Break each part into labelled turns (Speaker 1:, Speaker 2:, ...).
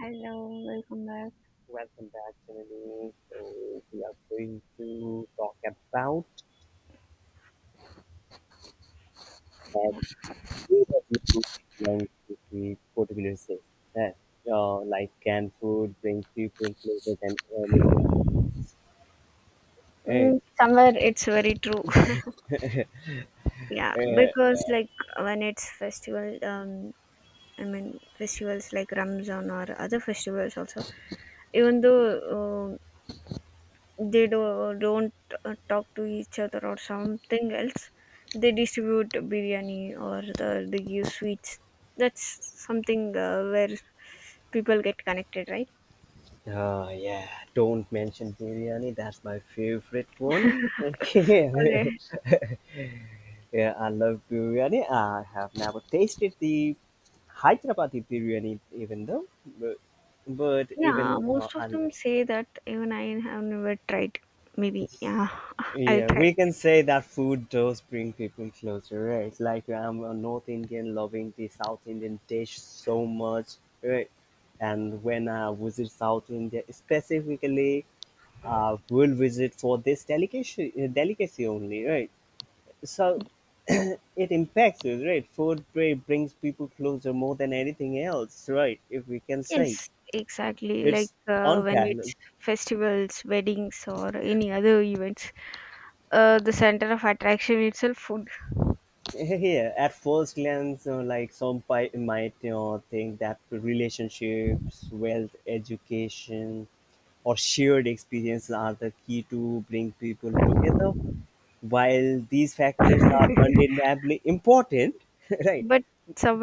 Speaker 1: Hello, welcome back.
Speaker 2: Welcome back, Gemini. So, we are going to talk about as KW belongs to the particular say that like canned food brings people closer than anything. Hey,
Speaker 1: Mm, somewhere it's very true. Yeah,
Speaker 2: eh,
Speaker 1: because like when it's festival, I mean festivals like Ramzan or other festivals also. Even though uh, they don't talk to each other or something else, they distribute biryani they give sweets. That's something where people get connected, right?
Speaker 2: yeah, don't mention biryani. That's my favorite one. Yeah,
Speaker 1: Okay.
Speaker 2: I love biryani. I have never tasted the Hyderabadi biryani, even though, but, but
Speaker 1: Yeah,
Speaker 2: even
Speaker 1: most
Speaker 2: I
Speaker 1: of
Speaker 2: love.
Speaker 1: them say that even I have never tried. Maybe, yeah, I'll
Speaker 2: Yeah,
Speaker 1: try.
Speaker 2: we can say that food does bring people closer, right? Like I'm a North Indian loving the South Indian dish so much, right? And when I visit South India, specifically, I will visit for this delicacy, delicacy only, right? So it impacts us, right? Food brings people closer more than anything else, right? If we can say
Speaker 1: Yes, exactly. Like
Speaker 2: it's
Speaker 1: when
Speaker 2: unparalleled.
Speaker 1: it's festivals, weddings, or any other events, the center of attraction itself food.
Speaker 2: Yeah, at first glance, like some might, you know, think that relationships, wealth, education, or shared experiences are the key to bring people together. While these factors are undeniably important, right?
Speaker 1: But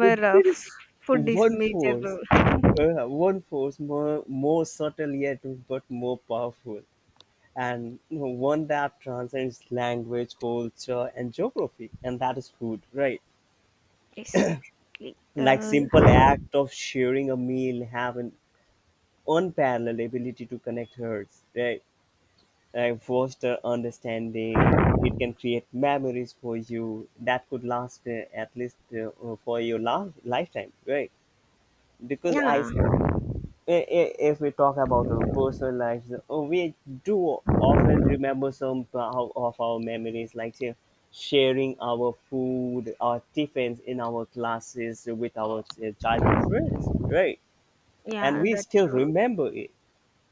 Speaker 2: But there is
Speaker 1: food is
Speaker 2: one
Speaker 1: major
Speaker 2: force,
Speaker 1: role.
Speaker 2: one force more subtle yet but more powerful, and, you know, one that transcends language, culture, and geography, and that is food, right?
Speaker 1: Yes, exactly.
Speaker 2: Like simple act of sharing a meal have an unparalleled ability to connect hearts, right? Like foster understanding. It can create memories for you that could last at least for your lifetime, right? Because
Speaker 1: Yeah,
Speaker 2: if we talk about our personal lives, we do often remember some of our memories, like, say, sharing our food, our tiffins in our classes with our childhood friends, right? And
Speaker 1: yeah,
Speaker 2: we
Speaker 1: that's
Speaker 2: still remember it,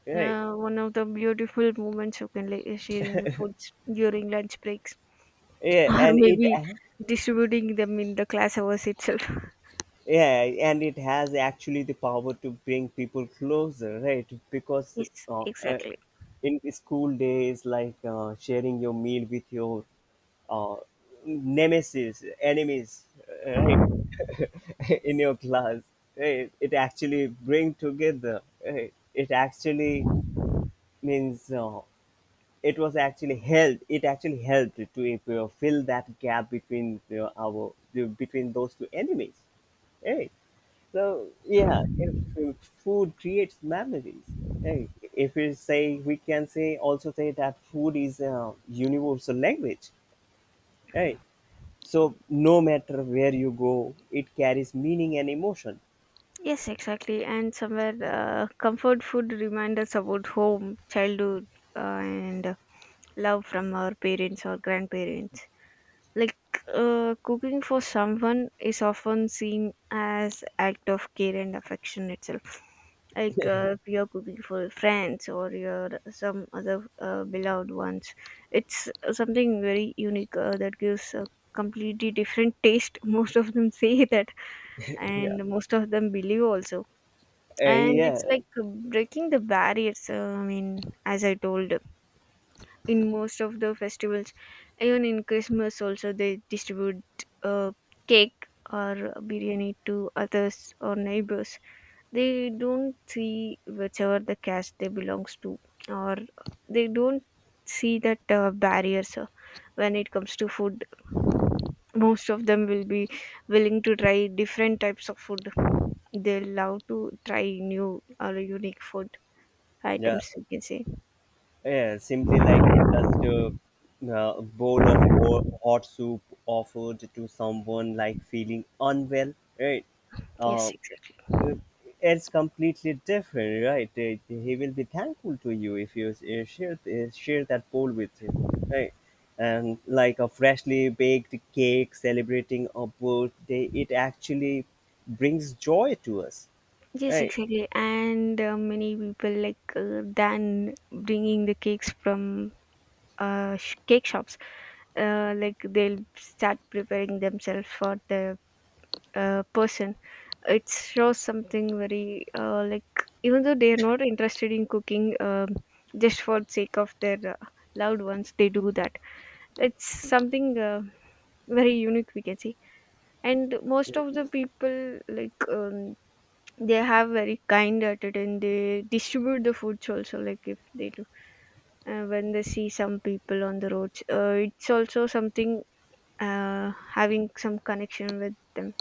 Speaker 2: right.
Speaker 1: One of the beautiful moments you can like sharing your foods during lunch breaks.
Speaker 2: Yeah,
Speaker 1: Or
Speaker 2: and it,
Speaker 1: maybe distributing them in the class hours itself.
Speaker 2: yeah, and it has actually the power to bring people closer, right? Because
Speaker 1: Yes,
Speaker 2: uh, uh,
Speaker 1: exactly.
Speaker 2: in the school days, like, sharing your meal with your uh, nemesis enemies, right, in your class, right? It actually bring together, right? It actually means, it was actually helped, it actually helped to, you know, fill that gap between, you know, our, between those two enemies. Hey. So yeah, if uh, food creates memories. Hey, if we say, we can say also say that food is a universal language. Hey, so no matter where you go, it carries meaning and emotion.
Speaker 1: Yes, exactly. And somewhere, comfort food reminders about home, childhood, and love from our parents or grandparents. Like cooking for someone is often seen as act of care and affection itself. Like if you're cooking for your friends or your some other beloved ones, it's something very unique that gives a completely different taste. Most of them say that,
Speaker 2: Yeah.
Speaker 1: and most of them believe also. And it's
Speaker 2: Yeah.
Speaker 1: like breaking the barriers, I mean, as I told, in most of the festivals, even in Christmas also, they distribute uh, cake or biryani to others or neighbors. They don't see whichever the caste they belongs to, or they don't see that barriers. When it comes to food, most of them will be willing to try different types of food. They love to try new or unique food
Speaker 2: Yeah.
Speaker 1: items, you can say.
Speaker 2: Yeah, simply like it's just bowl of hot soup offered to someone like feeling unwell, right? Uh,
Speaker 1: Yes, exactly.
Speaker 2: uh, it's completely different, right? He will be thankful to you if you share that bowl with him, right? And like a freshly baked cake celebrating a birthday, it actually brings joy to us,
Speaker 1: Yes,
Speaker 2: right?
Speaker 1: exactly. And many people like, than bringing the cakes from cake shops, like they'll start preparing themselves for the person. It shows something very like, even though they are not interested in cooking, just for the sake of their loved ones, they do that. It's something very unique, we can see. And most of the people like, they have very kind attitude, and they distribute the foods also. Like if they do, when they see some people on the roads, it's also something having some connection with them.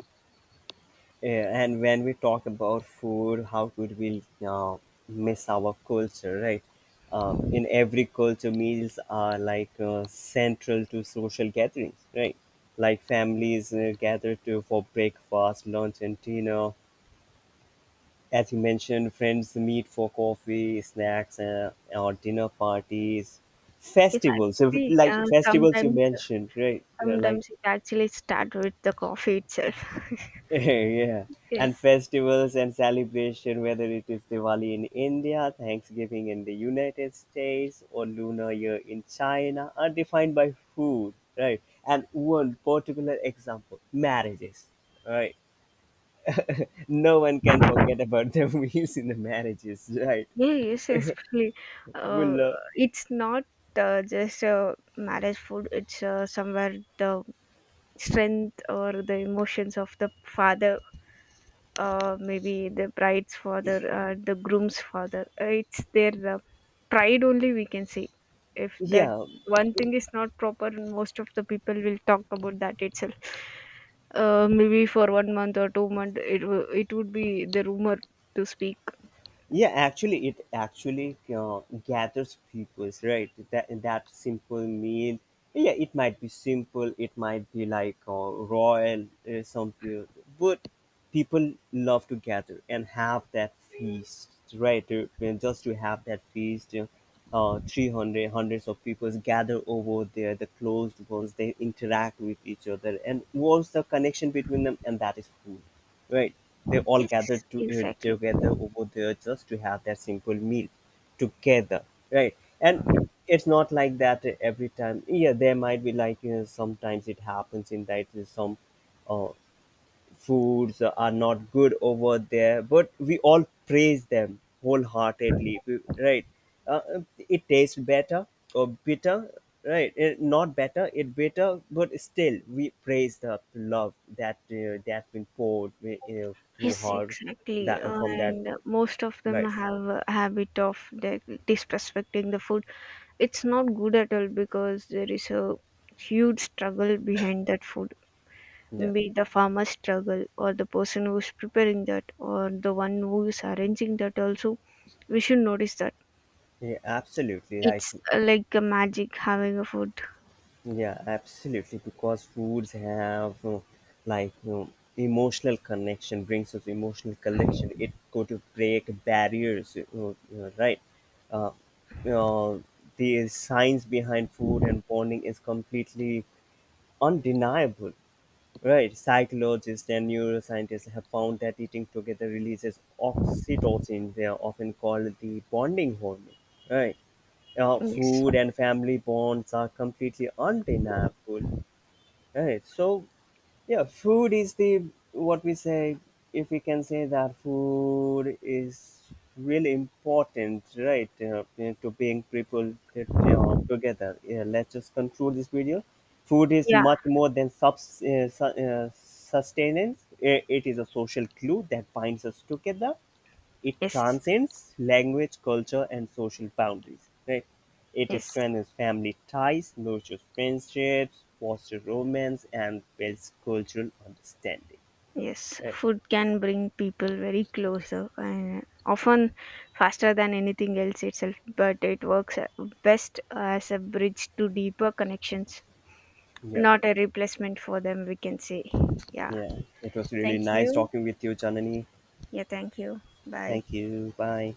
Speaker 2: Yeah, and when we talk about food, how could we miss our culture, right? In every culture, meals are like central to social gatherings, right? Like families gather to for breakfast, lunch, and dinner. As you mentioned, friends meet for coffee, snacks, or dinner parties,
Speaker 1: It's
Speaker 2: festivals. So,
Speaker 1: actually
Speaker 2: like
Speaker 1: uh,
Speaker 2: festivals you
Speaker 1: sometimes
Speaker 2: mentioned, right? Yeah, like
Speaker 1: Sometimes it actually start with the coffee itself.
Speaker 2: yeah, and
Speaker 1: Yes.
Speaker 2: festivals and celebration, whether it is Diwali in India, Thanksgiving in the United States, or Lunar Year in China, are defined by food, right? And one particular example, marriages, right? No one can forget about the meals in the marriages, right?
Speaker 1: Yeah, yes, especially, uh,
Speaker 2: Well,
Speaker 1: it's not just a marriage food. It's, somewhere the strength or the emotions of the father, maybe the bride's father, the groom's father. It's their pride only, we can say. If that
Speaker 2: yeah.
Speaker 1: one thing is not proper, most of the people will talk about that itself. Maybe for 1 month or two months, it would be the rumor to speak.
Speaker 2: Yeah, actually it actually gathers people's right, that simple meal. Yeah, it might be simple, it might be like, royal, some people, but people love to gather and have that feast, right? And just to have that feast, 300 hundreds of people gather over there, the closed ones, they interact with each other, and what's the connection between them? And that is food, right? They all
Speaker 1: Yes,
Speaker 2: gathered to
Speaker 1: exactly.
Speaker 2: together over there just to have that simple meal together, right? And it's not like that every time. Yeah, there might be like, you know, sometimes it happens in that, some uh, foods are not good over there, but we all praise them wholeheartedly, right. Uh, it tastes better or bitter, right, not better it bitter, but still we praise the love that that been poured you through
Speaker 1: Yes,
Speaker 2: her,
Speaker 1: exactly.
Speaker 2: that from that,
Speaker 1: And most of them
Speaker 2: right.
Speaker 1: have a habit of disrespecting the food. It's not good at all because there is a huge struggle behind that food,
Speaker 2: Yeah,
Speaker 1: be it the farmer's struggle, or the person who's preparing that, or the one who is arranging that also. We should notice that.
Speaker 2: yeah, absolutely right.
Speaker 1: It's like a magic having a food.
Speaker 2: Yeah, absolutely. Because foods have, emotional connection, brings us emotional connection. It go to break barriers, you know, right? Uh, you know, the science behind food and bonding is completely undeniable. Right. Psychologists and neuroscientists have found that eating together releases oxytocin, they are often called the bonding hormone. Right.
Speaker 1: Yes.
Speaker 2: Food and family bonds are completely undeniable. Right. So, yeah, food is the what we say. If we can say that food is really important, right, you know, to bring people, you know, together. Yeah, let's just conclude this video. Food is
Speaker 1: Yeah.
Speaker 2: much more than sustenance. It is a social glue that binds us together. It
Speaker 1: Yes.
Speaker 2: transcends language, culture, and social boundaries. Right? It
Speaker 1: Yes.
Speaker 2: strengthens family ties, nurtures friendships, fosters romance, and builds cultural understanding.
Speaker 1: Yes,
Speaker 2: Right?
Speaker 1: food can bring people very closer and often faster than anything else itself, but it works best as a bridge to deeper connections,
Speaker 2: Yeah,
Speaker 1: not a replacement for them, we can say. Yeah,
Speaker 2: yeah. It was really
Speaker 1: thank
Speaker 2: nice
Speaker 1: you.
Speaker 2: talking with you, Janani.
Speaker 1: Yeah, thank you. Bye.
Speaker 2: Thank you. Bye.